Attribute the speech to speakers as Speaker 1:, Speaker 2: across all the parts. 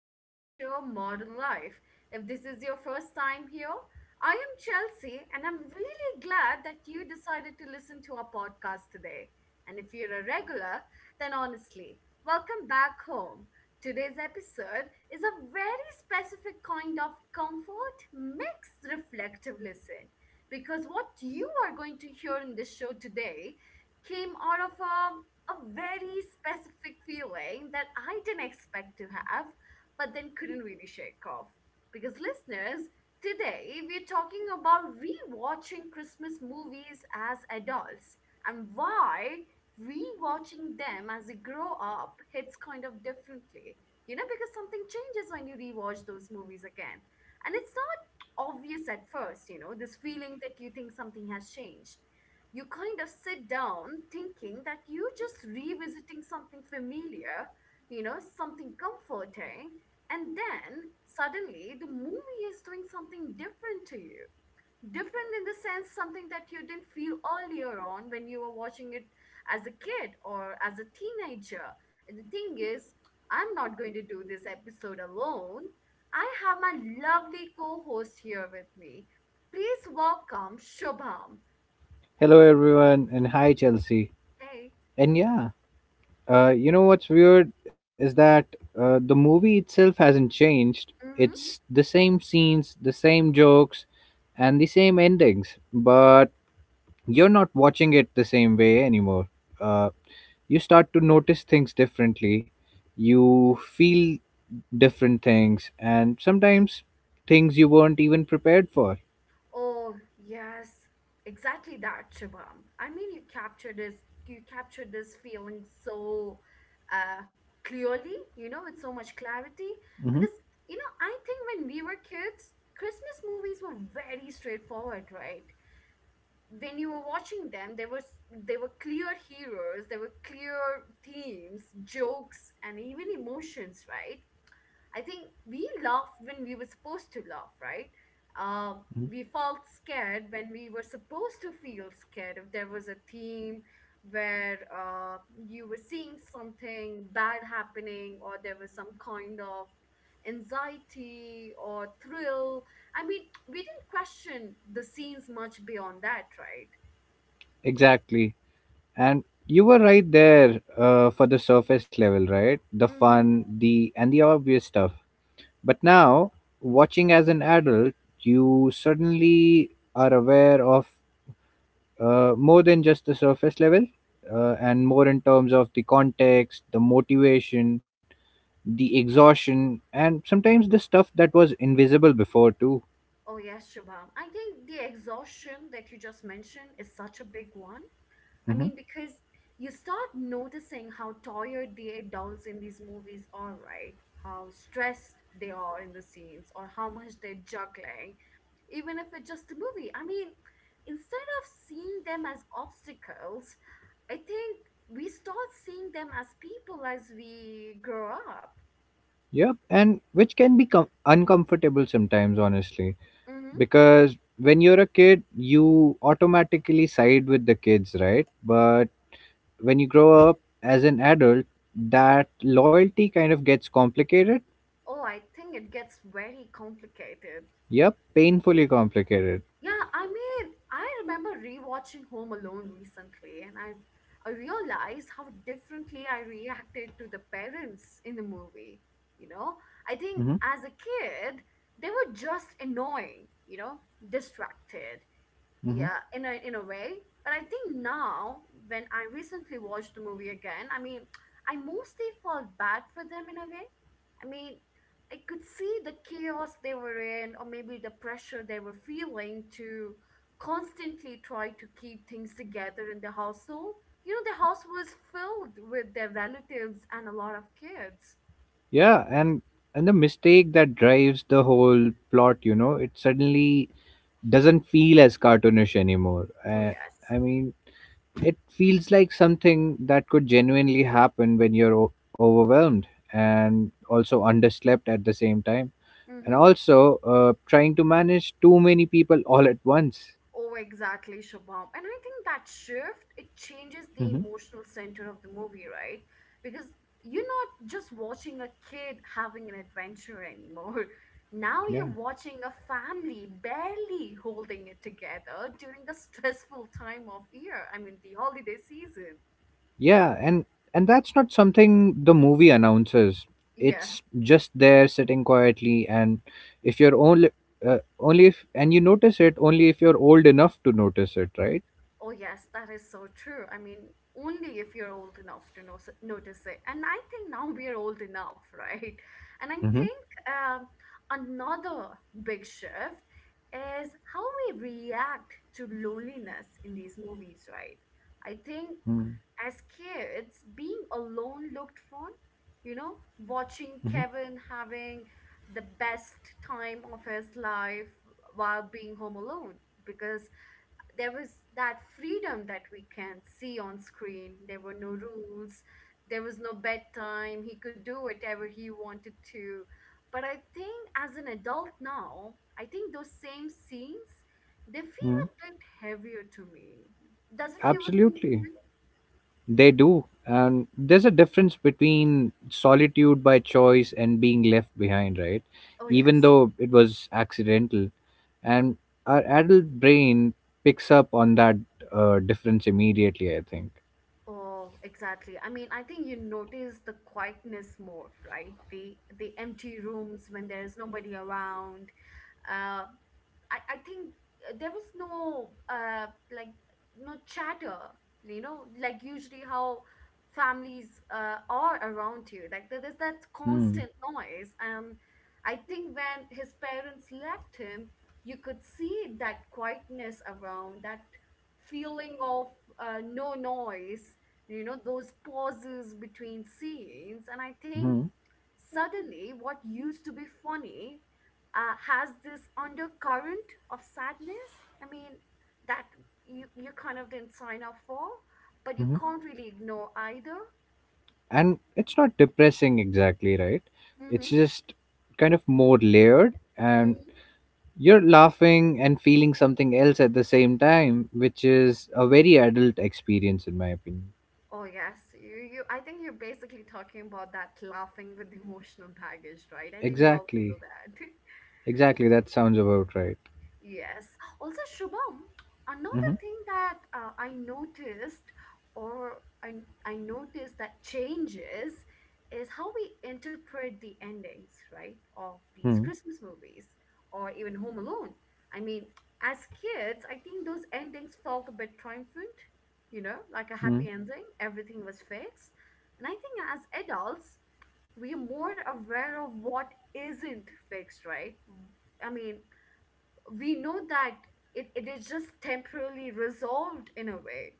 Speaker 1: to our show, Modern Life. If this is your first time here, I am Chelsea, and I'm really glad that you decided to listen to our podcast today. And if you're a regular, then honestly, welcome back home. Today's episode is a very specific kind of comfort mixed reflective listen because what you are going to hear in this show today came out of a very specific feeling that I didn't expect to have, but then couldn't really shake off. Because, listeners, today we're talking about rewatching Christmas movies as adults and why rewatching them as you grow up hits kind of differently. You know, because something changes when you rewatch those movies again. And it's not obvious at first, you know, this feeling that you think something has changed, you kind of sit down thinking that you're just revisiting something familiar, you know, something comforting, and then suddenly the movie is doing something different to you. Different in the sense something that you didn't feel earlier on when you were watching it as a kid or as a teenager. And the thing is, I'm not going to do this episode alone. I have my lovely co host here with me. Please welcome Shubham.
Speaker 2: Hello everyone and hi Chelsea.
Speaker 1: Hey.
Speaker 2: And yeah, what's weird is that the movie itself hasn't changed.
Speaker 1: Mhm.
Speaker 2: It's the same scenes, the same jokes, and the same endings, but you're not watching it the same way anymore. Uh, you start to notice things differently, you feel different things, and sometimes things you weren't even prepared for.
Speaker 1: Oh, yes, exactly that, Shubham. I mean, you captured this feeling so uh, clearly, you know, with so much clarity.
Speaker 2: hmm
Speaker 1: Because, you know, I think when we were kids, Christmas movies were very straightforward, right? When you were watching them, there were clear heroes, there were clear themes, jokes, and even emotions, right? I think we laughed when we were supposed to laugh, right? Uh, we felt scared when we were supposed to feel scared. If there was a theme where you were seeing something bad happening, or there was some kind of anxiety or thrill, I mean, we didn't question the scenes much beyond that, right?
Speaker 2: Exactly. And you were right there for the surface level, right? The
Speaker 1: hmm
Speaker 2: fun, the and the obvious stuff. But now, watching as an adult, you suddenly are aware of more than just the surface level, and more in terms of the context, the motivation, the exhaustion, and sometimes the stuff that was invisible before too.
Speaker 1: Oh, yes, Shubham. I think the exhaustion that you just mentioned is such a big one. I
Speaker 2: hmm
Speaker 1: mean, because you start noticing how tired the adults in these movies are, right? How stressed they are in the scenes, or how much they're juggling, even if it's just a movie. I mean, instead of seeing them as obstacles, I think we start seeing them as people as we grow up.
Speaker 2: Yep, and which can be uncomfortable sometimes, honestly,
Speaker 1: hmm
Speaker 2: because when you're a kid you automatically side with the kids, right? But when you grow up as an adult, that loyalty kind of gets complicated.
Speaker 1: Oh, I think it gets very complicated.
Speaker 2: Yep, painfully complicated.
Speaker 1: Yeah, I mean, I remember rewatching Home Alone recently, and I realized how differently I reacted to the parents in the movie. You know, I think
Speaker 2: hmm
Speaker 1: as a kid, they were just annoying, you know, distracted,
Speaker 2: hmm
Speaker 1: yeah, in a way, but I think now, when I recently watched the movie again, I mean, I mostly felt bad for them in a way. I mean, I could see the chaos they were in, or maybe the pressure they were feeling to constantly try to keep things together in the household. You know, the house was filled with their relatives and a lot of kids.
Speaker 2: yeah, and the mistake that drives the whole plot, you know, it suddenly doesn't feel as cartoonish anymore.
Speaker 1: Oh yes.
Speaker 2: I mean, it feels like something that could genuinely happen when you're overwhelmed and also underslept at the same time, and
Speaker 1: Mm-hmm.
Speaker 2: also trying to manage too many people all at once.
Speaker 1: Oh, exactly, Shabam. And I think that shift, it changes the
Speaker 2: hmm
Speaker 1: emotional center of the movie, right? Because you're not just watching a kid having an adventure anymore. Now
Speaker 2: yeah,
Speaker 1: you're watching a family barely holding it together during a stressful time of year. I mean, the holiday season.
Speaker 2: yeah and that's not something the movie announces.
Speaker 1: Yeah.
Speaker 2: It's just there, sitting quietly, and if you're only only if and you notice it only if you're old enough to notice it, right?
Speaker 1: Oh, yes, that is so true. I mean, only if you're old enough to know, notice it. And I think now we are old enough, right? And I
Speaker 2: Mm-hmm.
Speaker 1: think another big shift is how we react to loneliness in these movies, right? I think as kids, being alone looked fun, you know, watching
Speaker 2: Mm-hmm.
Speaker 1: Kevin having the best time of his life while being home alone because there was that freedom that we can see on screen. There were no rules, there was no bedtime. He could do whatever he wanted to. But I think as an adult now, I think those same scenes, they feel a bit heavier to me. Does it feel the same?
Speaker 2: Absolutely. They do. And there's a difference between solitude by choice and being left behind, right?
Speaker 1: Oh
Speaker 2: Even
Speaker 1: yes.
Speaker 2: though it was accidental. And our adult brain picks up on that difference immediately, I think.
Speaker 1: Oh, exactly. I mean, I think you notice the quietness more, right? The empty rooms when there's nobody around. Uh, I think there was no like no chatter, you know, like usually how families are around you. Like there's that
Speaker 2: Hmm.
Speaker 1: constant noise, and I think when his parents left him, you could see that quietness around, that feeling of no noise. You know, those pauses between scenes, and I think
Speaker 2: hmm
Speaker 1: suddenly what used to be funny has this undercurrent of sadness. I mean, that you kind of didn't sign up for, but you
Speaker 2: hmm
Speaker 1: can't really ignore either.
Speaker 2: And it's not depressing exactly, right? It's
Speaker 1: Mm-hmm.
Speaker 2: just kind of more layered, and
Speaker 1: mm
Speaker 2: you're laughing and feeling something else at the same time, which is a very adult experience, in my opinion.
Speaker 1: Oh yes, you you. I think you're basically talking about that laughing with emotional baggage, right? I think we all feel
Speaker 2: Exactly.
Speaker 1: that.
Speaker 2: Exactly. That sounds about right.
Speaker 1: Yes. Also, Shubham, another
Speaker 2: hmm
Speaker 1: thing that I noticed, or I noticed that changes, is how we interpret the endings, right, of these
Speaker 2: hmm
Speaker 1: Christmas movies or even Home Alone. I mean, as kids, I think those endings felt a bit triumphant, you know, like a happy
Speaker 2: hmm
Speaker 1: ending, everything was fixed. And I think as adults, we are more aware of what isn't fixed, right? I mean, we know that it is just temporarily resolved in a way.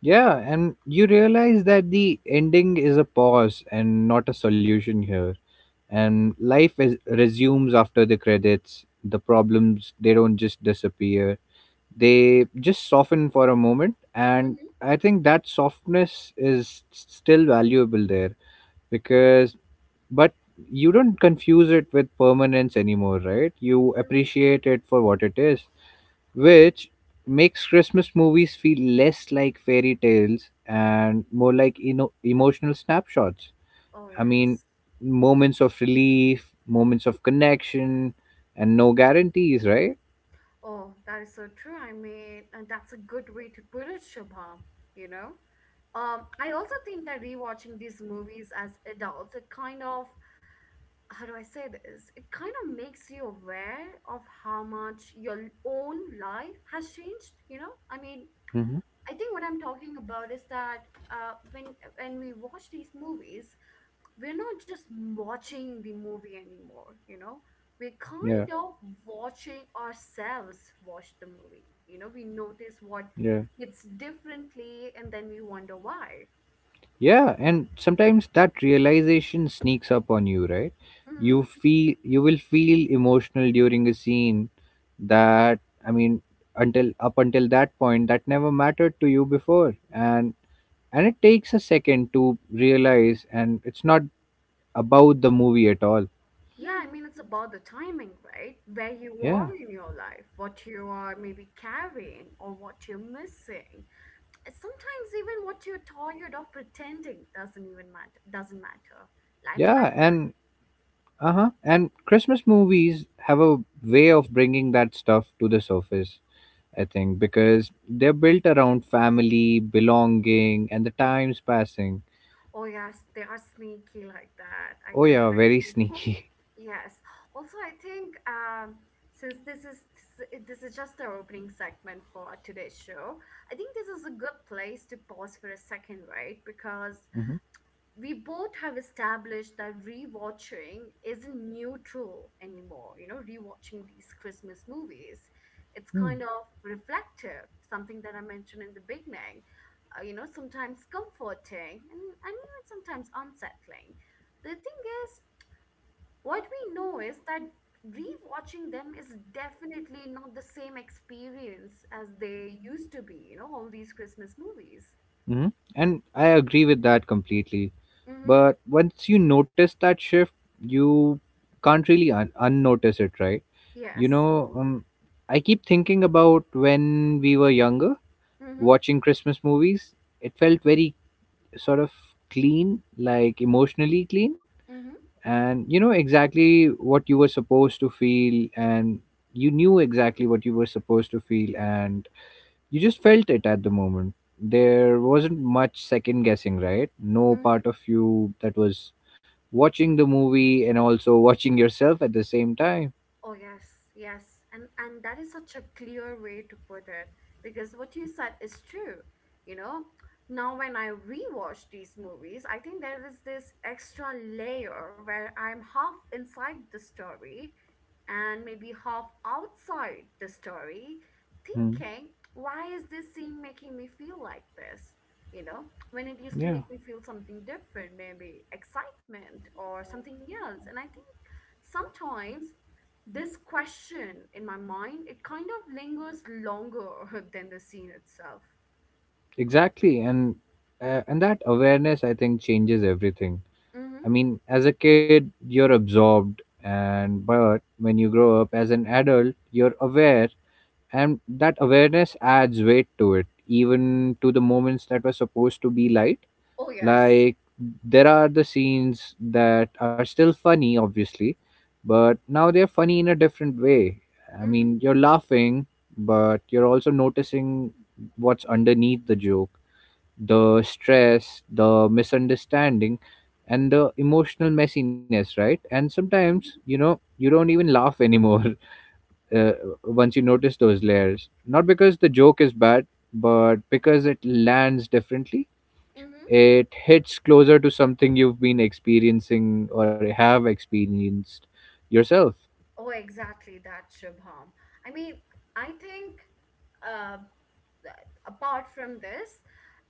Speaker 2: Yeah, and you realize that the ending is a pause and not a solution here. And life is, resumes after the credits. The problems, they don't just disappear. They just soften for a moment, and
Speaker 1: hmm
Speaker 2: I think that softness is still valuable there because but you don't confuse it with permanence anymore, right? You appreciate it for what it is, which makes Christmas movies feel less like fairy tales and more like emotional snapshots.
Speaker 1: Oh,
Speaker 2: I mean,
Speaker 1: yes.
Speaker 2: moments of relief, moments of connection, and no guarantees, right?
Speaker 1: Oh, that is so true. I mean, and that's a good way to put it, Shubham, you know? I also think that rewatching these movies as adults, it kind of, how do I say this? It kind of makes you aware of how much your own life has changed, you know? I mean,
Speaker 2: hmm
Speaker 1: I think what I'm talking about is that uh, when when we watch these movies, we're not just watching the movie anymore, you know? We're
Speaker 2: yeah
Speaker 1: kind of watching ourselves watch the movie. You know, we notice what
Speaker 2: yeah
Speaker 1: hits differently and then we wonder why.
Speaker 2: Yeah, and sometimes that realization sneaks up on you, right?
Speaker 1: hmm
Speaker 2: You will feel emotional during a scene that, I mean until up until that point, that never mattered to you before, and it takes a second to realize, and it's not about the movie at all.
Speaker 1: Yeah, I mean, it's about the timing, right? Where you
Speaker 2: Yeah.
Speaker 1: are in your life, what you are maybe carrying or what you're missing. And sometimes even what you're tired of pretending doesn't even matter, doesn't matter. I mean, like,
Speaker 2: Yeah, and uh-huh. And Christmas movies have a way of bringing that stuff to the surface. I think, because they're built around family, belonging, and the times passing.
Speaker 1: oh yes, they are sneaky like that. I
Speaker 2: Oh,
Speaker 1: could.
Speaker 2: yeah, very sneaky.
Speaker 1: Yes. Also, I think since this is just our opening segment for today's show, I think this is a good place to pause for a second, right? Because
Speaker 2: hmm
Speaker 1: we both have established that rewatching isn't neutral anymore. You know, rewatching these Christmas movies, it's kind of reflective, something that I mentioned in the beginning. You know, sometimes comforting and even sometimes unsettling. The thing is, what we know is that rewatching them is definitely not the same experience as they used to be, you know, all these Christmas movies.
Speaker 2: hmm And I agree with that completely.
Speaker 1: Mm-hmm.
Speaker 2: But once you notice that shift, you can't really unnotice it, right? You
Speaker 1: Yes.
Speaker 2: know, I keep thinking about when we were younger,
Speaker 1: Mm-hmm.
Speaker 2: watching Christmas movies. It felt very sort of clean, like emotionally clean,
Speaker 1: Mm-hmm.
Speaker 2: and you know exactly what you were supposed to feel and you knew exactly what you were supposed to feel, and you just felt it at the moment. There wasn't much second guessing, right? No
Speaker 1: Mm-hmm.
Speaker 2: part of you that was watching the movie and also watching yourself at the same time.
Speaker 1: Oh yes, yes. And that is such a clear way to put it because what you said is true, you know. Now when I rewatch these movies, I think there is this extra layer where I'm half inside the story and maybe half outside the story,
Speaker 2: Hmm.
Speaker 1: thinking, why is this scene making me feel like this? You know, when it used to
Speaker 2: Yeah,
Speaker 1: make me feel something different, maybe excitement or something else. And I think sometimes this question in my mind, it kind of lingers longer than the scene itself.
Speaker 2: exactly, and that awareness, I think, changes everything.
Speaker 1: Mm-hmm.
Speaker 2: I mean, as a kid you're absorbed, and but when you grow up as an adult you're aware, and that awareness adds weight to it, even to the moments that were supposed to be light.
Speaker 1: Oh, yes.
Speaker 2: Like, there are the scenes that are still funny, obviously, but now they're funny in a different way. I
Speaker 1: Mm-hmm.
Speaker 2: mean, you're laughing, but you're also noticing what's underneath the joke: the stress, the misunderstanding, and the emotional messiness, right? And sometimes, you know, you don't even laugh anymore, uh, once you notice those layers. Not because the joke is bad, but because it lands differently.
Speaker 1: Mm-hmm.
Speaker 2: It hits closer to something you've been experiencing or have experienced yourself.
Speaker 1: Oh, exactly that, Shubham. I mean, I think. Uh. Apart from this,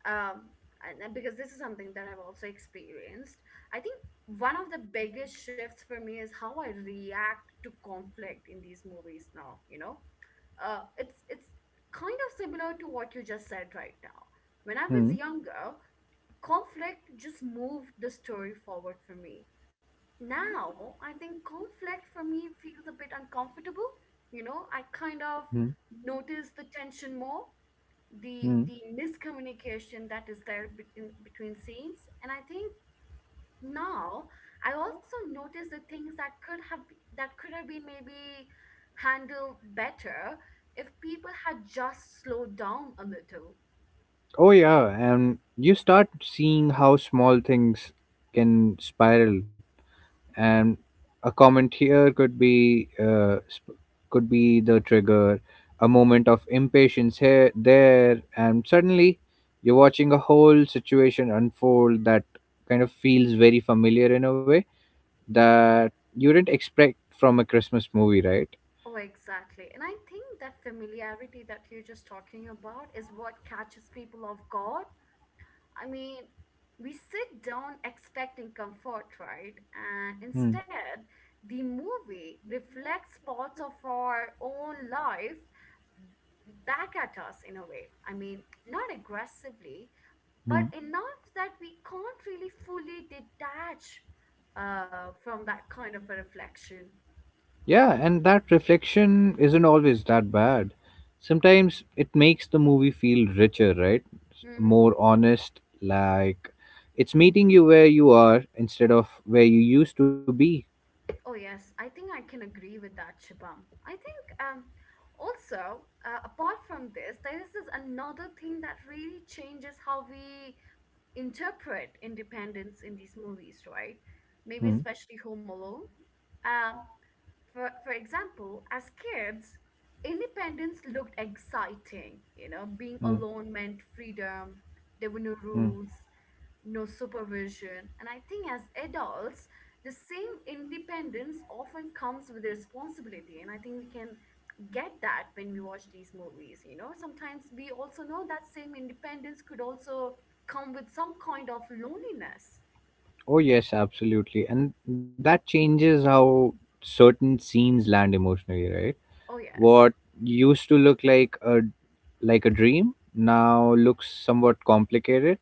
Speaker 1: um, and because this is something that I've also experienced, I think one of the biggest shifts for me is how I react to conflict in these movies now, you know. It's kind of similar to what you just said right now. When I was
Speaker 2: Hmm.
Speaker 1: younger, conflict just moved the story forward for me. Now I think conflict for me feels a bit uncomfortable. You know, I kind of
Speaker 2: Hmm.
Speaker 1: notice the tension more, the
Speaker 2: Hmm.
Speaker 1: the miscommunication that is there between scenes, and I think now I also notice the things that that could have been maybe handled better if people had just slowed down a little.
Speaker 2: Oh, yeah. And you start seeing how small things can spiral, and a comment here could be could be the trigger, a moment of impatience here there, and suddenly you're watching a whole situation unfold that kind of feels very familiar in a way that you didn't expect from a Christmas movie, right?
Speaker 1: Oh exactly, and I think that familiarity that you're just talking about is what catches people off guard. I mean, we sit down expecting comfort, right? And
Speaker 2: Hmm.
Speaker 1: instead, the movie reflects parts of our own life back at us in a way. I mean, not aggressively, but
Speaker 2: Hmm.
Speaker 1: enough that we can't really fully detach from that kind of a reflection.
Speaker 2: Yeah, and that reflection isn't always that bad. Sometimes it makes the movie feel richer, right?
Speaker 1: Mm-hmm.
Speaker 2: More honest, like it's meeting you where you are instead of where you used to be.
Speaker 1: Oh, yes, I think I can agree with that, Shubham. I think also, apart from this, there is this another thing that really changes how we interpret independence in these movies, right? Maybe
Speaker 2: Mm,
Speaker 1: especially Home Alone. Um, for example, as kids, independence looked exciting. You know, being
Speaker 2: mm,
Speaker 1: alone meant freedom, there were no
Speaker 2: mm.
Speaker 1: rules, no supervision. And I think as adults, the same independence often comes with responsibility. And I think we can get that when we watch these movies. You know, sometimes we also know that same independence could also come with some kind of loneliness.
Speaker 2: Oh, yes, absolutely. And that changes how certain scenes land emotionally, right?
Speaker 1: Oh, yes,
Speaker 2: What used to look like a dream now looks somewhat complicated,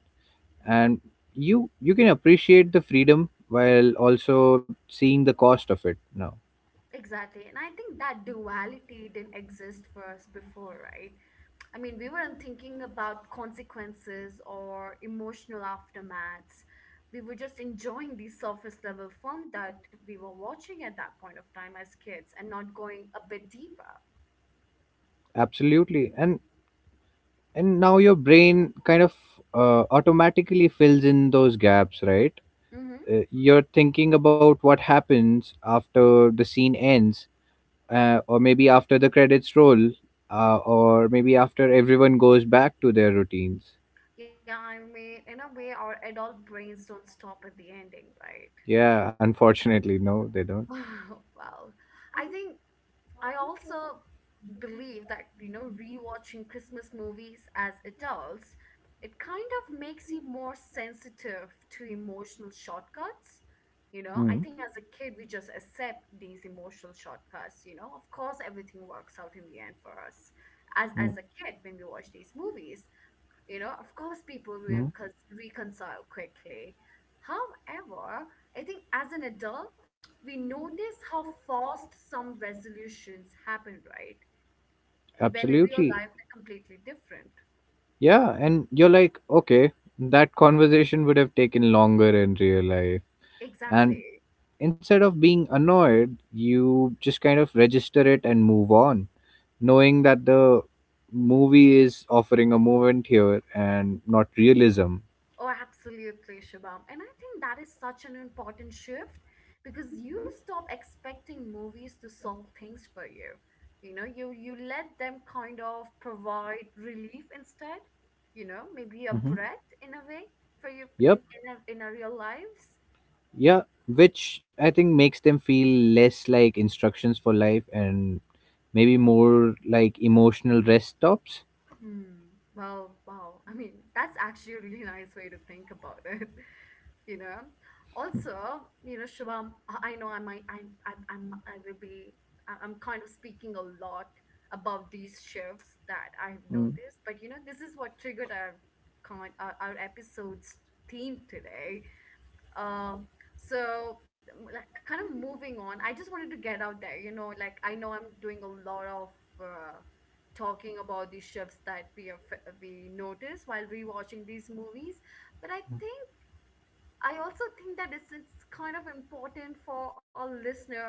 Speaker 2: and you can appreciate the freedom while also seeing the cost of it now.
Speaker 1: exactly. And I think that duality didn't exist for us before, right? I mean, we weren't thinking about consequences or emotional aftermaths. We were just enjoying the surface level film that we were watching at that point of time as kids and not going a bit deeper.
Speaker 2: Absolutely, and now your brain kind of automatically fills in those gaps, right?
Speaker 1: Hmm.
Speaker 2: You're thinking about what happens after the scene ends, or maybe after the credits roll, or maybe after everyone goes back to their routines.
Speaker 1: Yeah, I mean, in a way, our adult brains don't stop at the ending, right?
Speaker 2: Yeah, unfortunately no, they don't.
Speaker 1: Well, I think I also believe that, you know, rewatching Christmas movies as adults, it kind of makes you more sensitive to emotional shortcuts. You know,
Speaker 2: Mm-hmm.
Speaker 1: I think as a kid, we just accept these emotional shortcuts. You know, of course, everything works out in the end for us as,
Speaker 2: Mm-hmm.
Speaker 1: as a kid when we watch these movies. You know, of course, people
Speaker 2: Mm-hmm.
Speaker 1: reconcile quickly. However, I think as an adult, we notice how fast some resolutions happen, right? When in real
Speaker 2: Absolutely.
Speaker 1: life, they're completely different.
Speaker 2: Yeah, and you're like, okay, that conversation would have taken longer in real life. And
Speaker 1: Exactly.
Speaker 2: instead of being annoyed, you just kind of register it and move on, knowing that the movie is offering a moment here and not realism.
Speaker 1: Oh, absolutely, Shubham. And I think that is such an important shift because you stop expecting movies to solve things for you. You know, you let them kind of provide relief instead. You know, maybe a
Speaker 2: hmm
Speaker 1: breath in a way for you in
Speaker 2: Yep.
Speaker 1: in our real lives.
Speaker 2: Yeah. Which I think makes them feel less like instructions for life and maybe more like emotional rest stops.
Speaker 1: Hmm. Well, wow. I mean, that's actually a really nice way to think about it. You know, also, you know, Shivam, I know I might I I'm, I will be I- I'm kind of speaking a lot about these shifts that I've
Speaker 2: Mm-hmm.
Speaker 1: noticed, but you know this is what triggered our our episode's theme today. Um so m- like, kind of moving on, I just wanted to get out there, you know, like I know I'm doing a lot of uh, talking about these shifts that we notice while rewatching these movies. But I think I also think that it's kind of important for our listeners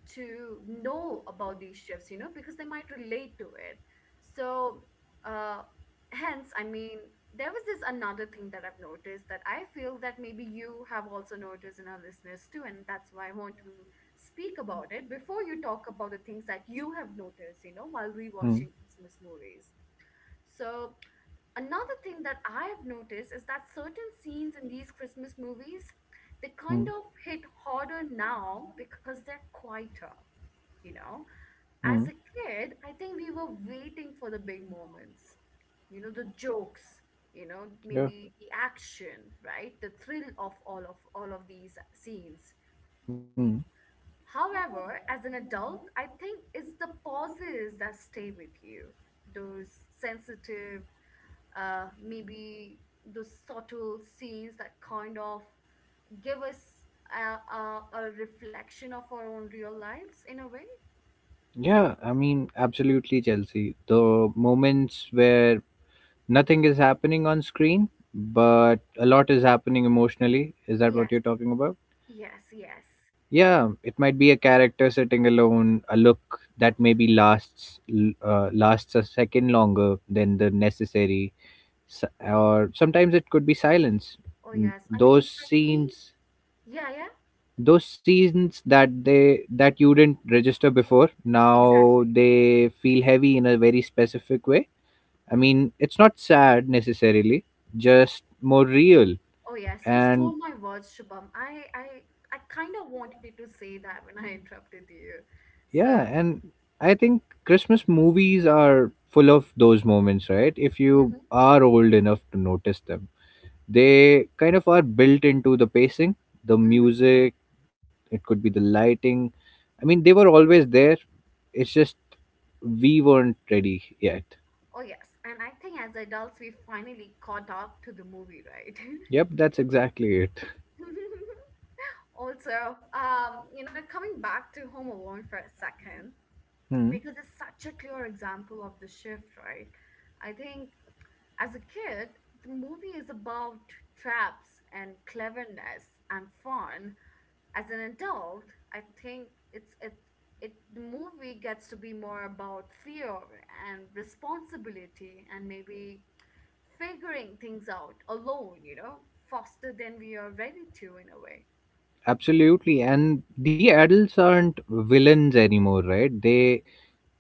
Speaker 1: to know about these shifts, you know, because they might relate to it. So, uh, hence, I mean, there was this another thing that I've noticed that I feel that maybe you have also noticed in our listeners too, and that's why I want to speak about it before you talk about the things that you have noticed, you know, while rewatching Christmas movies. So, another thing that I have noticed is that certain scenes in these Christmas movies, they kind of hit harder now because they're quieter, you know? As
Speaker 2: Mm-hmm.
Speaker 1: a kid, I think we were waiting for the big moments, you know, the jokes, you know, maybe the action, right? The thrill of all of these scenes.
Speaker 2: Yeah.
Speaker 1: However, as an adult, I think it's the pauses that stay with you. Those sensitive, maybe those subtle scenes that kind of give us a reflection of our own real lives in a way.
Speaker 2: Yeah, I mean, absolutely, Chelsea. The moments where nothing is happening on screen, but a lot is happening emotionally. Is that what
Speaker 1: Yes,
Speaker 2: you're talking about?
Speaker 1: yes, yes.
Speaker 2: Yeah, it might be a character sitting alone, a look that maybe lasts lasts a second longer than the necessary, or sometimes it could be silence.
Speaker 1: Oh, yes. I mean,
Speaker 2: Those
Speaker 1: for me,
Speaker 2: scenes,
Speaker 1: yeah, yeah,
Speaker 2: that they that you didn't register before, now
Speaker 1: exactly.
Speaker 2: they feel heavy in a very specific way. I mean, it's not sad necessarily, just more real.
Speaker 1: Oh, yes, you
Speaker 2: And
Speaker 1: stole my words, Shubham. I kind of wanted to say that when I interrupted you. So,
Speaker 2: yeah, and I think Christmas movies are full of those moments, right? If you
Speaker 1: mhm,
Speaker 2: are old enough to notice them, they kind of are built into the pacing, the
Speaker 1: mhm.
Speaker 2: music, it could be the lighting. I mean, they were always there, it's just we weren't ready yet.
Speaker 1: Oh, yes. And I think as adults, we finally caught up to the movie, right?
Speaker 2: Yep, that's exactly it.
Speaker 1: Also, you know, coming back to Home Alone for a second,
Speaker 2: Hmm.
Speaker 1: because it's such a clear example of the shift, right? I think as a kid the movie is about traps and cleverness and fun. As an adult, I think it, the movie gets to be more about fear and responsibility and maybe figuring things out alone, you know, faster than we are ready to in a way.
Speaker 2: Absolutely, and the adults aren't villains anymore, right? they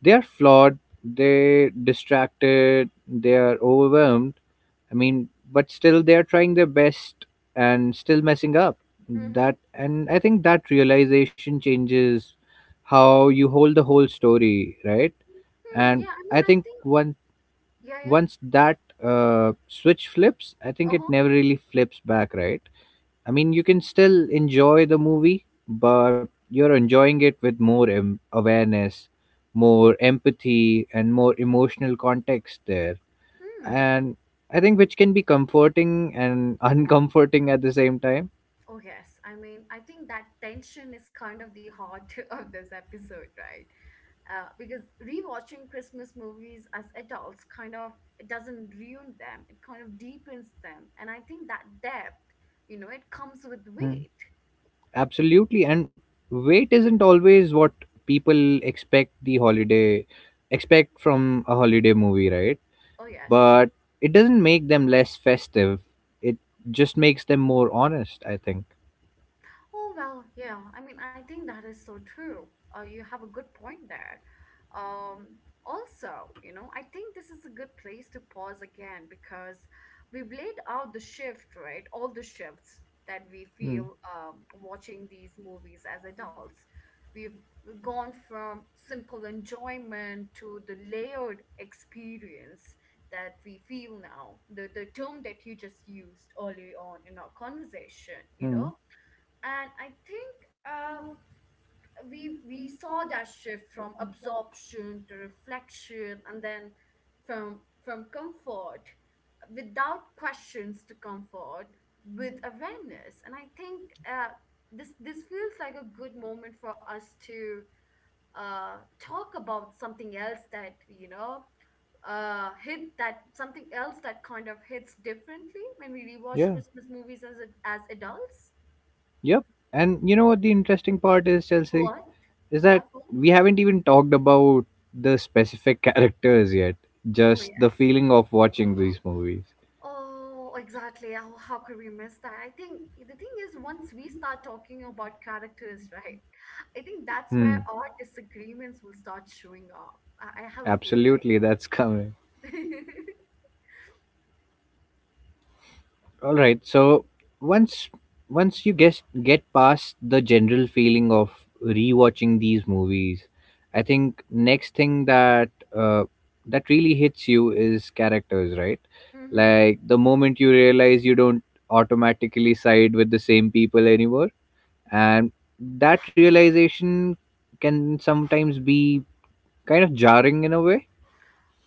Speaker 2: They are flawed, they're distracted, they are overwhelmed. I mean, but still they are trying their best and still messing up.
Speaker 1: Hmm.
Speaker 2: That and I think that realization changes how you hold the whole story, right?
Speaker 1: Hmm,
Speaker 2: And
Speaker 1: yeah, I mean,
Speaker 2: I
Speaker 1: I—
Speaker 2: think
Speaker 1: yeah, yeah.
Speaker 2: once that switch flips, I think it
Speaker 1: Uh-huh.
Speaker 2: never really flips back, right? I mean, you can still enjoy the movie, but you're enjoying it with more awareness, more empathy, and more emotional context there.
Speaker 1: Hmm.
Speaker 2: And I think which can be comforting and uncomforting at the same time.
Speaker 1: Oh, yes. I mean, I think that tension is kind of the heart of this episode, right? Because rewatching Christmas movies as adults kind of, it doesn't ruin them, it kind of deepens them. And I think that depth, you know, it comes with
Speaker 2: Hmm.
Speaker 1: weight.
Speaker 2: Absolutely. And wait isn't always what people expect the holiday expect from a holiday movie, right?
Speaker 1: Oh, yes.
Speaker 2: But it doesn't make them less festive. It just makes them more honest, I think.
Speaker 1: Oh, well, yeah. I mean, I think that is so true. You have a good point there. Um, Also, you know, I think this is a good place to pause again because we've laid out the shift, right? All the shifts that we
Speaker 2: Hmm.
Speaker 1: feel, watching these movies as adults. We've gone from simple enjoyment to the layered experience that we feel now. The term that you just used early on in our conversation, you
Speaker 2: Hmm.
Speaker 1: know, and I think, uh, we saw that shift from absorption to reflection, and then from comfort without questions to comfort with awareness. And I think, uh, this this feels like a good moment for us to uh, talk about something else that, you know, hit that something else that kind of hits differently when we rewatch
Speaker 2: Yeah.
Speaker 1: Christmas movies as as adults.
Speaker 2: Yep. And you know what the interesting part is, Chelsea,
Speaker 1: What?
Speaker 2: is
Speaker 1: What?
Speaker 2: that we haven't even talked about the specific characters yet.
Speaker 1: Oh,
Speaker 2: Just the
Speaker 1: yes.
Speaker 2: feeling of watching these movies.
Speaker 1: Oh, exactly. How could we miss that? I think the thing is, once we start talking about characters, right? I think that's
Speaker 2: Hmm.
Speaker 1: where our disagreements will start showing up. I have a
Speaker 2: Absolutely, that's coming.
Speaker 1: feeling.
Speaker 2: All right. So once once you guess get past the general feeling of rewatching these movies, I think next thing that that really hits you is characters, right?
Speaker 1: Hmm.
Speaker 2: Like, the moment you realize you don't automatically side with the same people anymore, and that realization can sometimes be kind of jarring in a way.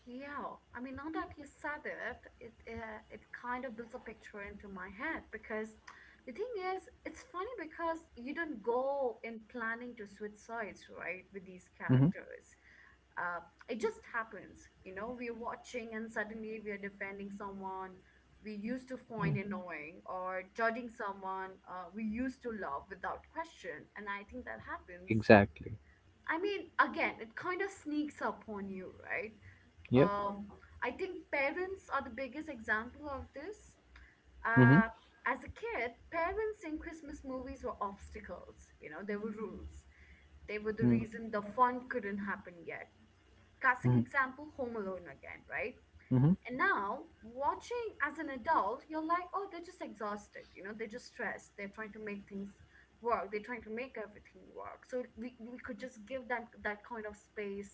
Speaker 1: Yeah, I mean, now that you said it, it, it kind of builds a picture into my head because the thing is, it's funny because you don't go in planning to switch sides, right, with these
Speaker 2: Mm-hmm.
Speaker 1: characters. Uh, it just happens, you know. We're watching, and suddenly we're defending someone we used to
Speaker 2: Yeah.
Speaker 1: find annoying or judging someone, we used to love without question. And I think that happens.
Speaker 2: Exactly.
Speaker 1: I mean, again, it kind of sneaks up on you, right?
Speaker 2: Yep.
Speaker 1: Um, I think parents are the biggest example of this.
Speaker 2: Mm-hmm.
Speaker 1: Uh, as a kid, parents in Christmas movies were obstacles, you know, they were rules. They were the
Speaker 2: Mm-hmm.
Speaker 1: reason the fun couldn't happen yet. Classic example, Home Alone again, right?
Speaker 2: Mm-hmm.
Speaker 1: And now, watching as an adult, you're like, oh, they're just exhausted, you know, they're just stressed. They're trying to make things work. They're trying to make everything work. So we could just give them that kind of space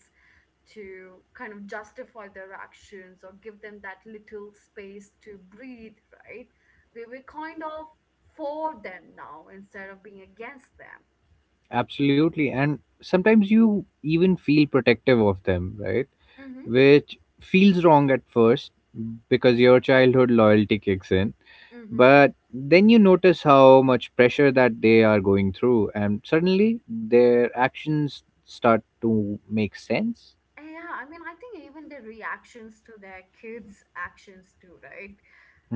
Speaker 1: to kind of justify their actions or give them that little space to breathe, right? We were kind of for them now instead of being against them.
Speaker 2: Absolutely. And sometimes you even feel protective of them, right?
Speaker 1: Mm-hmm.
Speaker 2: Which feels wrong at first because your childhood loyalty kicks in.
Speaker 1: Mm-hmm.
Speaker 2: But then you notice how much pressure that they are going through, and suddenly their actions start to make sense.
Speaker 1: Yeah, I mean, I think even the reactions to their kids' actions too, right?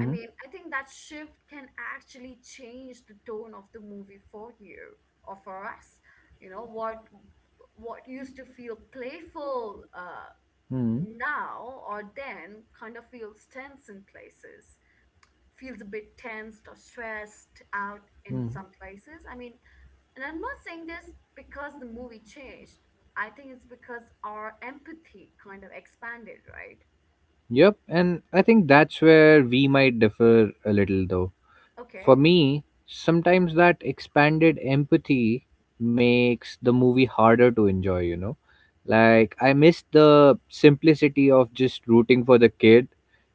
Speaker 1: I mean, I think that shift can actually change the tone of the movie for you or for us. You know, what used to feel playful,
Speaker 2: hmm
Speaker 1: now or then kind of feels tense in places, feels a bit tensed or stressed out in some
Speaker 2: hmm
Speaker 1: places, I mean. And I'm not saying this because the movie changed. I think it's because our empathy kind of expanded, right?
Speaker 2: Yep. And I think that's where we might differ a little, though. For
Speaker 1: Okay.
Speaker 2: me, sometimes that expanded empathy makes the movie harder to enjoy, you know? Like, I miss the simplicity of just rooting for the kid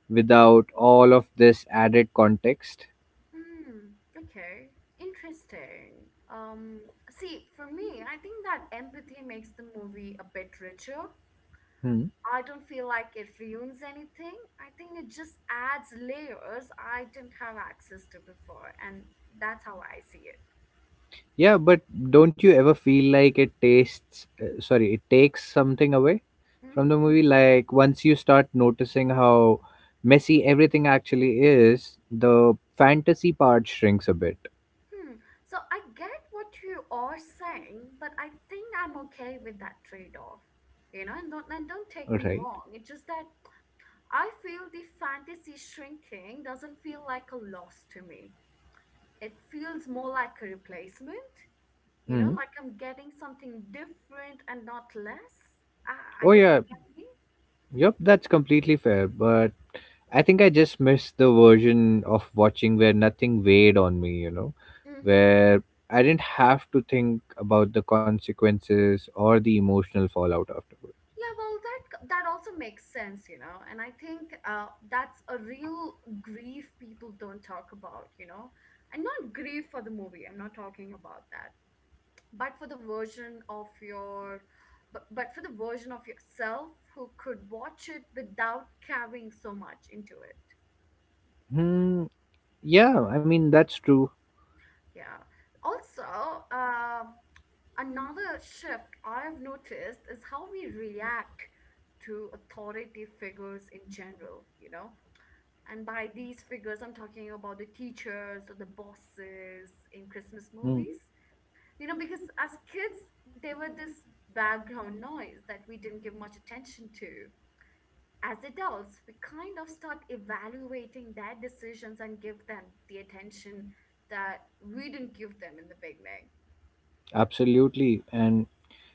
Speaker 2: without all of this added context.
Speaker 1: Mm, okay, interesting. um See, for me, I think that empathy makes the movie a bit richer.
Speaker 2: Hmm.
Speaker 1: I don't feel like it ruins anything. I think it just adds layers I didn't have access to before, and that's how I see it.
Speaker 2: Yeah, but don't you ever feel like it tastes, sorry, it takes something away from the
Speaker 1: Mm-hmm.
Speaker 2: movie? Like, once you start noticing how messy everything actually is, the fantasy part shrinks a bit,
Speaker 1: So I get what you are saying, but I think I'm okay with that trade-off. You know, and don't take me
Speaker 2: right?
Speaker 1: wrong. It's just that I feel the fantasy shrinking doesn't feel like a loss to me. It feels more like a replacement. You know,
Speaker 2: Hmm.
Speaker 1: like I'm getting something different and not less. I
Speaker 2: Oh
Speaker 1: hope you
Speaker 2: yeah,
Speaker 1: get me.
Speaker 2: yep, that's completely fair, but I think I just missed the version of watching where nothing weighed on me, you know,
Speaker 1: Mm-hmm.
Speaker 2: where I didn't have to think about the consequences or the emotional fallout afterward.
Speaker 1: Yeah, well, that that also makes sense, you know. And I think, that's a real grief people don't talk about, you know. And not grief for the movie. I'm not talking about that, but for the version of your, but for the version of yourself who could watch it without carrying so much into it.
Speaker 2: Hmm, yeah, I mean that's true.
Speaker 1: Yeah. Also, another shift I've noticed is how we react to authority figures in general, you know. And by these figures, I'm talking about the teachers or the bosses in Christmas
Speaker 2: Hmm,
Speaker 1: movies. You know, because as kids, they were this background noise that we didn't give much attention to. As adults, we kind of start evaluating their decisions and give them the attention that we didn't give them in the beginning.
Speaker 2: absolutely. And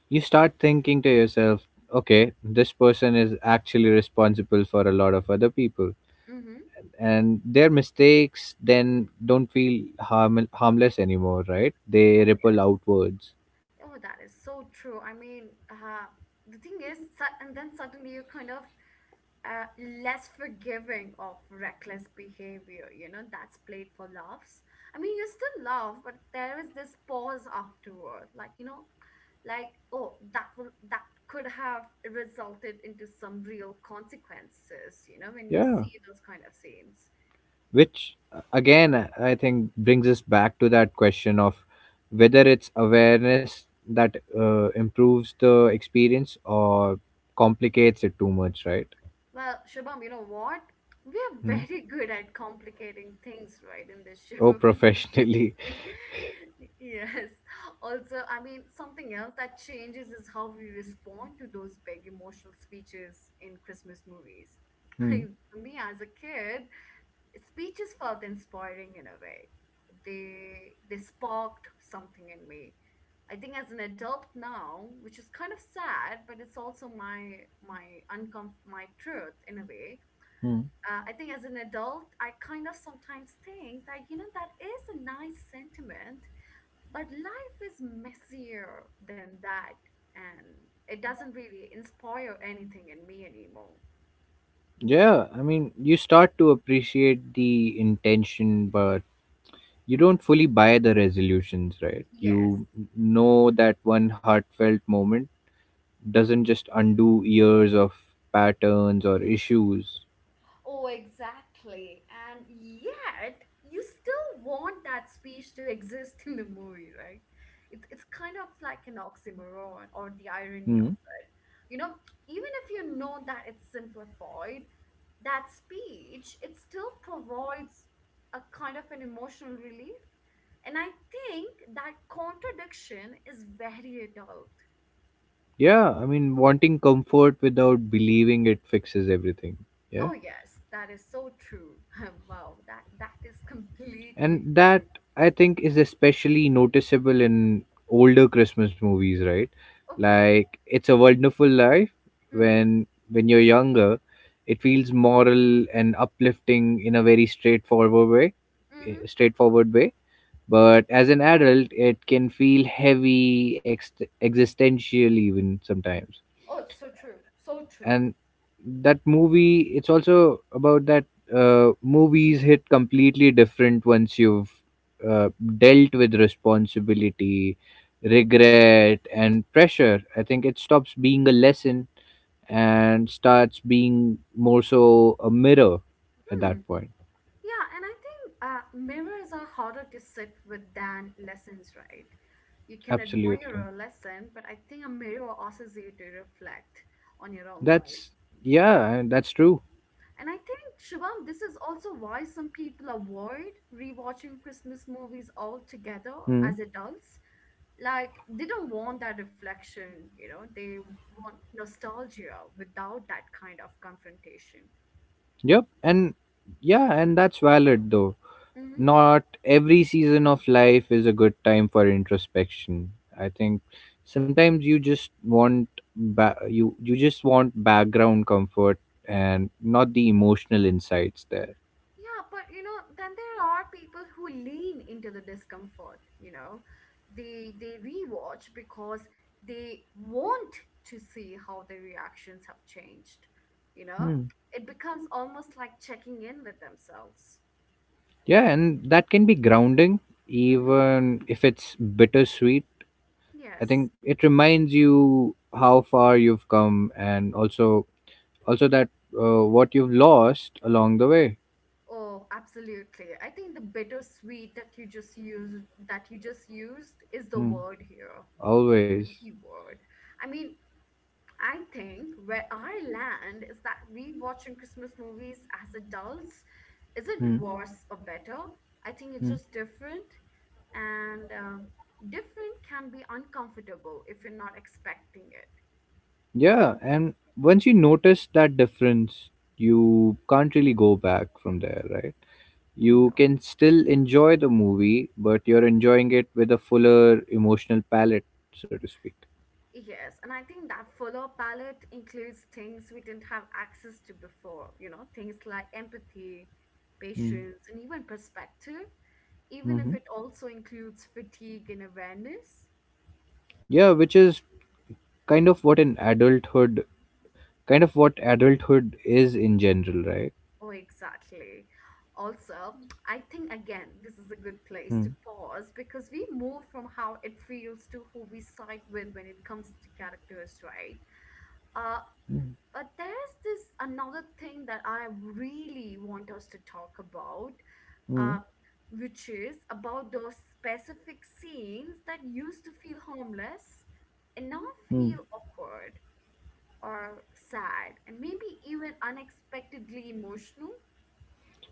Speaker 2: you start thinking to yourself, okay, this person is actually responsible for a lot of other people,
Speaker 1: Mm-hmm.
Speaker 2: and their mistakes then don't feel harmless anymore, right? They ripple outwards.
Speaker 1: Oh, that is so true. I mean, the thing is, su- and then suddenly you're kind of, uh, less forgiving of reckless behavior, you know, that's played for laughs. I mean, you still laugh, but there is this pause afterward, like, you know, like, oh, that could have resulted into some real consequences, you know, when you
Speaker 2: Yeah,
Speaker 1: see those kind of scenes.
Speaker 2: which again, I think brings us back to that question of whether it's awareness that improves the experience or complicates it too much, right?
Speaker 1: Well, Shubham, you know what? We're
Speaker 2: Hmm.
Speaker 1: very good at complicating things, right, in this
Speaker 2: Oh,
Speaker 1: show.
Speaker 2: professionally.
Speaker 1: Yes. Also, I mean, something else that changes is how we respond to those big emotional speeches in Christmas movies.
Speaker 2: Hmm.
Speaker 1: I, for me, as a kid, speeches felt inspiring in a way. They sparked something in me. I think as an adult now, which is kind of sad, but it's also my my truth in a way.
Speaker 2: Hmm.
Speaker 1: I think as an adult, I kind of sometimes think that, you know, that is a nice sentiment but life is messier than that, and it doesn't really inspire anything in me anymore.
Speaker 2: Yeah, I mean, you start to appreciate the intention, but you don't fully buy the resolutions, right? You
Speaker 1: Yes.
Speaker 2: know that one heartfelt moment doesn't just undo years of patterns or issues.
Speaker 1: Oh, exactly. And yet, you still want that speech to exist in the movie, right? It's kind of like an oxymoron or the irony
Speaker 2: Hmm.
Speaker 1: of you know, even if you know that it's simplified, that speech, it still provides a kind of an emotional relief. And I think that contradiction is very adult.
Speaker 2: Yeah, I mean, wanting comfort without believing it fixes everything.
Speaker 1: Oh
Speaker 2: Yeah.
Speaker 1: yes, that is so true. Wow, that is completely
Speaker 2: And that, I think, is especially noticeable in older Christmas movies, right?
Speaker 1: okay.
Speaker 2: Like It's a Wonderful Life.
Speaker 1: Mm-hmm.
Speaker 2: When you're younger, it feels moral and uplifting in a very straightforward way,
Speaker 1: Mm-hmm.
Speaker 2: straightforward way. But as an adult, it can feel heavy, existential even sometimes.
Speaker 1: Oh, so true. So true.
Speaker 2: And that movie, it's also about that. Movies hit completely different once you've uh, dealt with responsibility, regret and pressure. I think it stops being a lesson and starts being more so a mirror at
Speaker 1: Hmm.
Speaker 2: that point.
Speaker 1: Yeah, and I think mirrors are harder to sit with than lessons, right? You can admire
Speaker 2: Absolutely.
Speaker 1: a lesson, but I think a mirror asks you to reflect on your own life.
Speaker 2: That's, yeah, that's true.
Speaker 1: And I think, Shubham, this is also why some people avoid rewatching Christmas movies altogether
Speaker 2: Hmm.
Speaker 1: as adults. Like, they don't want that reflection, you know, they want nostalgia without that kind of confrontation.
Speaker 2: Yep. And yeah, and that's valid though.
Speaker 1: Mm-hmm.
Speaker 2: Not every season of life is a good time for introspection. I think sometimes you just want you just want background comfort and not the emotional insights there.
Speaker 1: Yeah, but you know, then there are people who lean into the discomfort, you know. They rewatch because they want to see how their reactions have changed, you know.
Speaker 2: Hmm.
Speaker 1: It becomes almost like checking in with themselves.
Speaker 2: Yeah, and that can be grounding,
Speaker 1: Hmm.
Speaker 2: even if it's bittersweet. I think
Speaker 1: Yes.
Speaker 2: it reminds you how far you've come, and also that what you've lost along the way.
Speaker 1: Oh, absolutely. I think the bittersweet that you just used is the
Speaker 2: Hmm.
Speaker 1: word here.
Speaker 2: Always.
Speaker 1: Keyword. I mean, I think where I land is that rewatching Christmas movies as adults isn't
Speaker 2: Hmm.
Speaker 1: worse or better. I think it's just different, and different can be uncomfortable if you're not expecting it.
Speaker 2: Yeah, and once you notice that difference, you can't really go back from there, right?
Speaker 1: Oh
Speaker 2: You
Speaker 1: no.
Speaker 2: can still enjoy the movie, but you're enjoying it with a fuller emotional palette, so to speak.
Speaker 1: Yes, and I think that fuller palette includes things we didn't have access to before, you know, things like empathy,
Speaker 2: Mm-hmm.
Speaker 1: patience, and even perspective, even if
Speaker 2: Mm-hmm.
Speaker 1: it also includes fatigue and awareness.
Speaker 2: Yeah, which is kind of what an adulthood, kind of what adulthood is in general, right?
Speaker 1: Oh, exactly. Also, I think again, this is a good place to
Speaker 2: Mm.
Speaker 1: pause because we move from how it feels to who we side with when it comes to characters, right? Uh,
Speaker 2: Mm.
Speaker 1: but there's this another thing that I really want us to talk about, uh,
Speaker 2: Mm.
Speaker 1: which is about those specific scenes that used to feel harmless and now
Speaker 2: Mm.
Speaker 1: feel awkward or sad and maybe even unexpectedly emotional.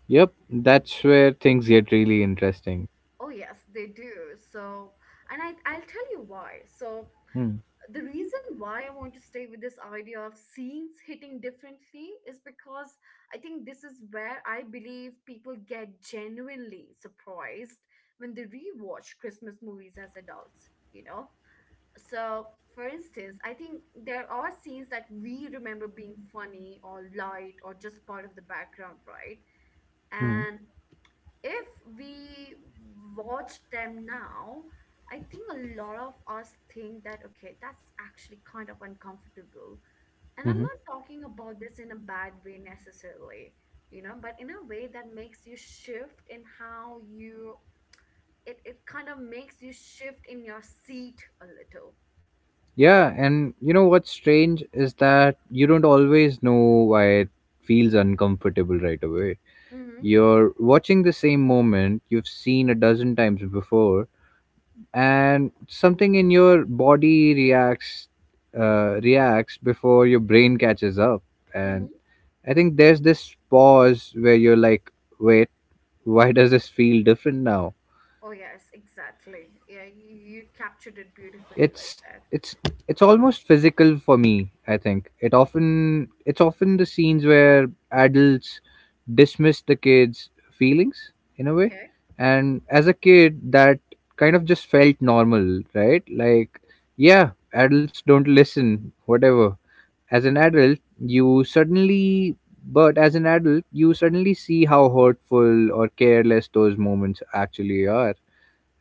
Speaker 2: Yep, that's where things get really interesting.
Speaker 1: Oh yes, they do. So, and I'll tell you why. So,
Speaker 2: Mm.
Speaker 1: the reason why I want to stay with this idea of scenes hitting differently is because I think this is where I believe people get genuinely surprised when they rewatch Christmas movies as adults, you know? So, for instance, I think there are scenes that we remember being funny or light or just part of the background, right?
Speaker 2: Mm.
Speaker 1: And if we watch them now, I think a lot of us think that, okay, that's actually kind of uncomfortable. And I'm
Speaker 2: Mhm.
Speaker 1: not talking about this in a bad way necessarily, you know, but in a way that makes you shift in how you, it kind of makes you shift in your seat a little.
Speaker 2: Yeah, and you know what's strange is that you don't always know why it feels uncomfortable right away.
Speaker 1: Mm-hmm,
Speaker 2: You're watching the same moment you've seen a dozen times before, and something in your body reacts, reacts before your brain catches up. And
Speaker 1: mm-hmm.
Speaker 2: I think there's this pause where you're like, "Wait, why does this feel different now?"
Speaker 1: Oh, yes, exactly. Yeah, you captured it beautifully right
Speaker 2: it's
Speaker 1: there.
Speaker 2: it's it's almost physical for me. I think it often, it's often the scenes where adults dismiss the kids feelings in a way.
Speaker 1: Okay.
Speaker 2: And as a kid, that kind of just felt normal, right? Like, yeah, adults don't listen, whatever. As an adult you suddenly But as an adult, you suddenly see how hurtful or careless those moments actually are.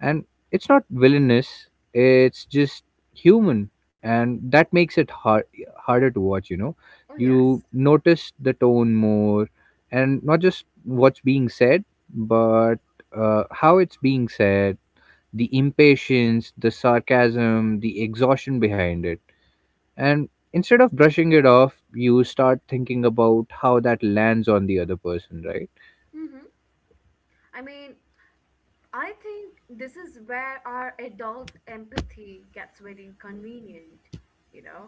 Speaker 2: And it's not villainous, it's just human, and that makes it harder to watch, you know.
Speaker 1: Oh,
Speaker 2: You
Speaker 1: yes.
Speaker 2: notice the tone more, and not just what's being said, but how it's being said, the impatience, the sarcasm, the exhaustion behind it. And instead of brushing it off, you start thinking about how that lands on the other person, right?
Speaker 1: Mm-hmm. I mean, I think this is where our adult empathy gets very inconvenient, you know,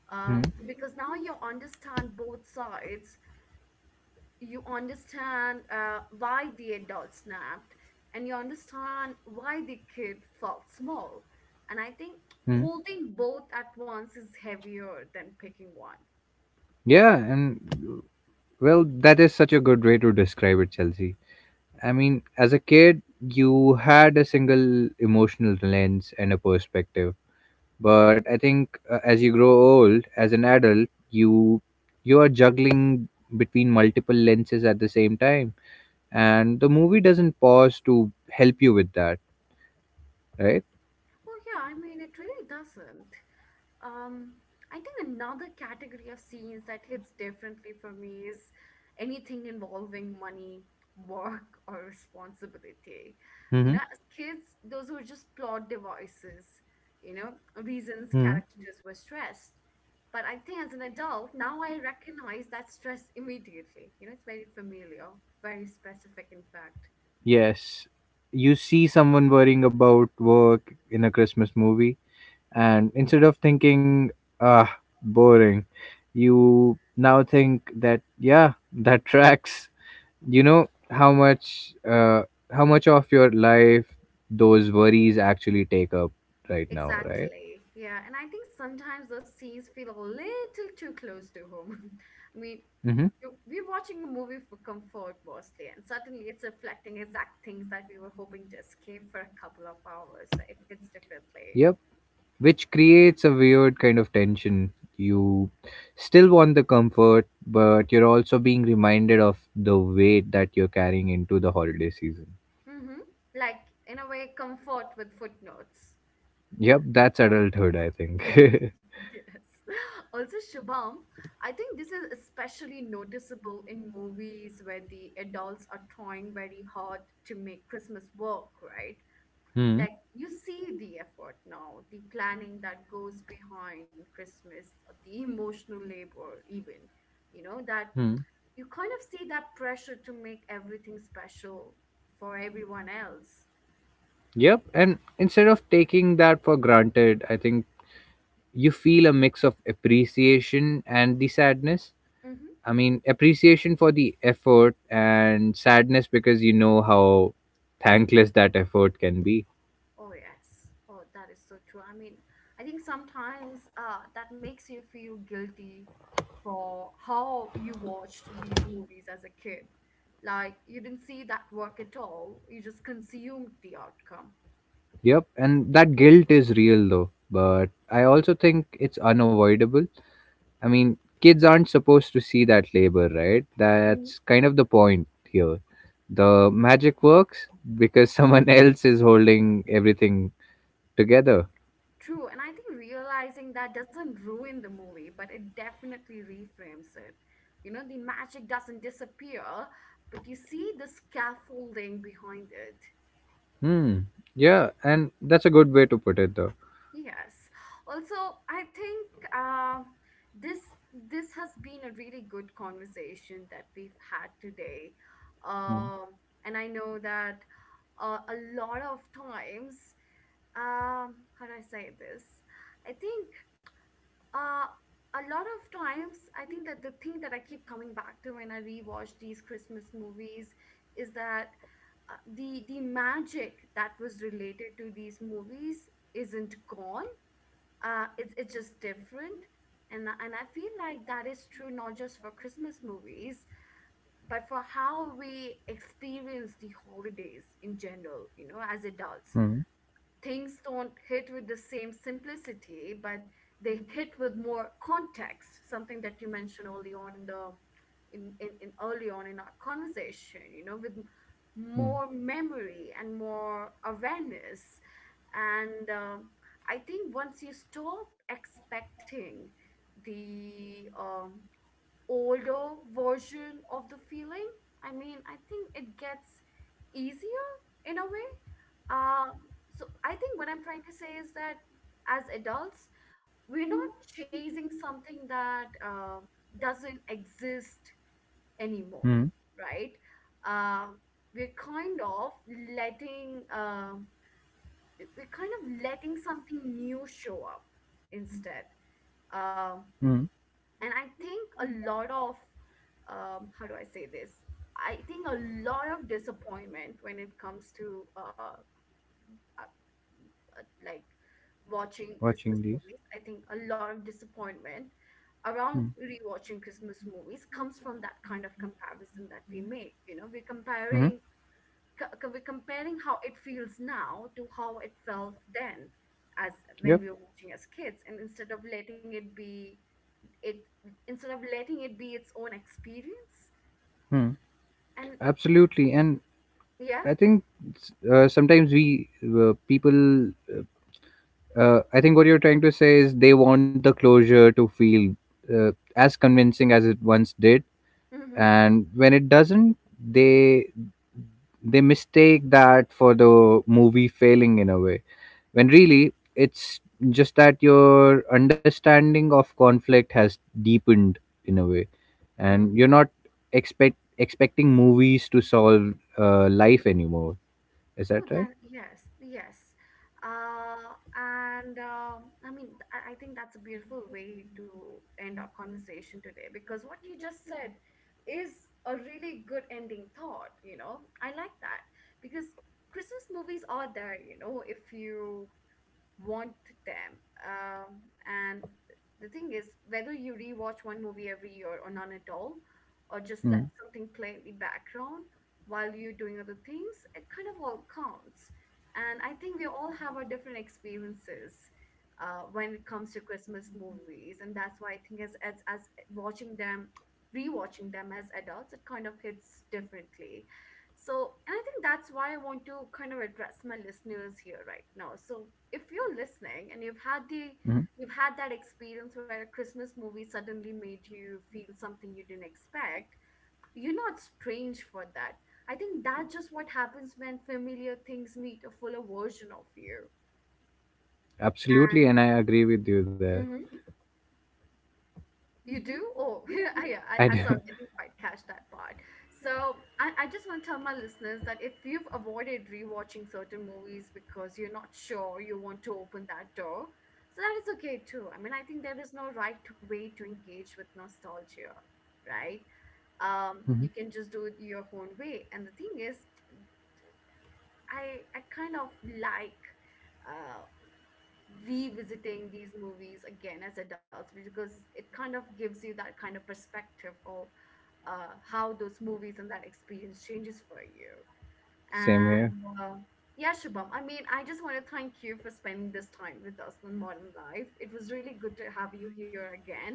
Speaker 2: Hmm.
Speaker 1: because now you understand both sides. You understand why the adult snapped, and you understand why the kid felt small. And I think
Speaker 2: Hmm.
Speaker 1: holding both at once is heavier than picking one.
Speaker 2: Yeah, and… Well, that is such a good way to describe it, Chelsea. I mean, as a kid, you had a single emotional lens and a perspective. But I think as you grow old, as an adult, you are juggling between multiple lenses at the same time, and the movie doesn't pause to help you with that, right?
Speaker 1: Well, yeah, I mean, it really doesn't. Um, I think another category of scenes that hits differently for me is anything involving money, work, or responsibility. You
Speaker 2: Mm-hmm.
Speaker 1: know, as kids, those were just plot devices, you know, reasons
Speaker 2: Hmm.
Speaker 1: characters were stressed. But I think as an adult, now I recognize that stress immediately. You know, it's very familiar, very specific, in fact.
Speaker 2: Yes, you see someone worrying about work in a Christmas movie, and instead of thinking, ah, boring, you now think that, yeah, that tracks. You know how much of your life those worries actually take up right now, right?
Speaker 1: Exactly. Yeah. And I think sometimes those scenes feel a little too close to home. I mean,
Speaker 2: Mm-hmm.
Speaker 1: we're watching a movie for comfort mostly, and suddenly it's reflecting exact things that we were hoping to escape for a couple of hours. So it hits differently.
Speaker 2: Yep. Which creates a weird kind of tension. You still want the comfort, but you're also being reminded of the weight that you're carrying into the holiday season.
Speaker 1: Mm-hmm. Like, in a way, comfort with footnotes.
Speaker 2: Yep, that's adulthood, I think.
Speaker 1: Yes. Also, Shubham, I think this is especially noticeable in movies where the adults are trying very hard to make Christmas work, right?
Speaker 2: Hmm.
Speaker 1: Like you see the effort now, the planning that goes behind Christmas, the emotional labor, even, you know, that
Speaker 2: Hmm.
Speaker 1: you kind of see that pressure to make everything special for everyone else.
Speaker 2: Yep, and instead of taking that for granted, I think you feel a mix of appreciation and the sadness.
Speaker 1: Mm-hmm.
Speaker 2: I mean, appreciation for the effort and sadness because you know how thankless that effort can be.
Speaker 1: Oh, yes. Oh, that is so true. I mean, I think sometimes that makes you feel guilty for how you watched these movies as a kid. Like, you didn't see that work at all, you just consumed the outcome.
Speaker 2: Yep, and that guilt is real though, but I also think it's unavoidable. I mean, kids aren't supposed to see that labor, right? That's kind of the point here. The magic works because someone else is holding everything together.
Speaker 1: True, and I think realizing that doesn't ruin the movie, but it definitely reframes it. You know, the magic doesn't disappear, but you see the scaffolding behind it.
Speaker 2: Hmm. Yeah, and that's a good way to put it, though.
Speaker 1: Yes. Also, I think this this has been a really good conversation that we've had today,
Speaker 2: Hmm.
Speaker 1: um, and I know that a lot of times how do I say this? I think Uh, a lot of times, I think that the thing that I keep coming back to when I rewatch these Christmas movies is that the magic that was related to these movies isn't gone. It's just different, and I feel like that is true not just for Christmas movies, but for how we experience the holidays in general. You know, as adults,
Speaker 2: Hmm.
Speaker 1: things don't hit with the same simplicity, but they hit with more context, something that you mentioned early on in early on in our conversation, you know, with more
Speaker 2: Hmm.
Speaker 1: memory and more awareness. And I think once you stop expecting the um, older version of the feeling. I mean, I think it gets easier in a way. Uh, so I think what I'm trying to say is that as adults, we're not chasing something that doesn't exist anymore,
Speaker 2: Hmm.
Speaker 1: right? Uh, we're kind of letting something new show up instead. Um,
Speaker 2: Hmm.
Speaker 1: and I think a lot of how do I say this? I think a lot of disappointment when it comes to uh, uh, like watching Christmas
Speaker 2: Watching these.
Speaker 1: movies, I think a lot of disappointment
Speaker 2: Hmm.
Speaker 1: around rewatching Christmas movies comes from that kind of comparison that we make, you know, we're
Speaker 2: Hmm.
Speaker 1: comparing we're comparing how it feels now to how it felt then as when
Speaker 2: Yep.
Speaker 1: we were watching as kids, and instead of letting it be it instead of letting it be its own experience
Speaker 2: Hmm.
Speaker 1: and
Speaker 2: Absolutely, and
Speaker 1: yeah.
Speaker 2: I think sometimes we people. I think what you're trying to say is they want the closure to feel uh, as convincing as it once did,
Speaker 1: Mm-hmm,
Speaker 2: and when it doesn't, they they mistake that for the movie failing in a way, when really it's just that your understanding of conflict has deepened in a way, and you're
Speaker 1: mm-hmm.
Speaker 2: not expecting movies to solve life anymore. Is
Speaker 1: Oh,
Speaker 2: that right?
Speaker 1: that yes, yes. And I mean, I think that's a beautiful way to end our conversation today because what you just said is a really good ending thought, you know. I like that because Christmas movies are there, you know, if you want them. And the thing is, whether you rewatch one movie every year or none at all, or just let
Speaker 2: Mm.
Speaker 1: something play in the background while you're doing other things, it kind of all counts. And I think we all have our different experiences when it comes to Christmas movies, and that's why I think as watching them, rewatching them as adults, it kind of hits differently. So, and I think that's why I want to kind of address my listeners here right now. So, if you're listening and you've had the
Speaker 2: Mhm.
Speaker 1: you've had that experience where a Christmas movie suddenly made you feel something you didn't expect, you're not strange for that. I think that's just what happens when familiar things meet a fuller version of you.
Speaker 2: Absolutely,
Speaker 1: And
Speaker 2: and I agree with you there.
Speaker 1: mm-hmm. You do? Oh, yeah. I
Speaker 2: I
Speaker 1: sorry,
Speaker 2: do.
Speaker 1: I didn't quite catch that part. So I just want to tell my listeners that if you've avoided rewatching certain movies because you're not sure you want to open that door, so that is okay too. I mean, I think there is no right way to engage with nostalgia, right? You
Speaker 2: Mhm.
Speaker 1: can just do it your own way. And the thing is, I kind of like uh revisiting these movies again as adults because it kind of gives you that kind of perspective of how those movies and that experience changes for you.
Speaker 2: Same
Speaker 1: And
Speaker 2: here.
Speaker 1: uh, yeah, Shubham, I mean, I just want to thank you for spending this time with us on Modern Life. It was really good to have you here again.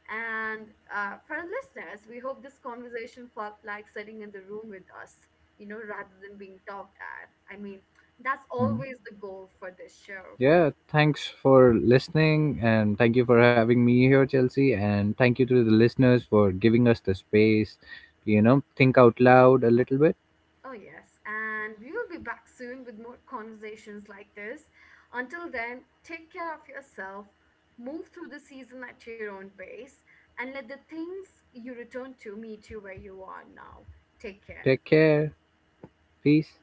Speaker 1: And for our listeners, we hope this conversation felt like sitting in the room with us, you know, rather than being talked at. I mean, that's always
Speaker 2: Mhm.
Speaker 1: the goal for this show.
Speaker 2: Yeah, thanks for listening, and thank you for having me here, Chelsea. And thank you to the listeners for giving us the space to, you know, think out loud a little bit.
Speaker 1: Oh, yes. And we will be back soon with more conversations like this. Until then, take care of yourself, move through the season at your own pace, and let the things you return to meet you where you are now. Take care.
Speaker 2: Take care. Peace.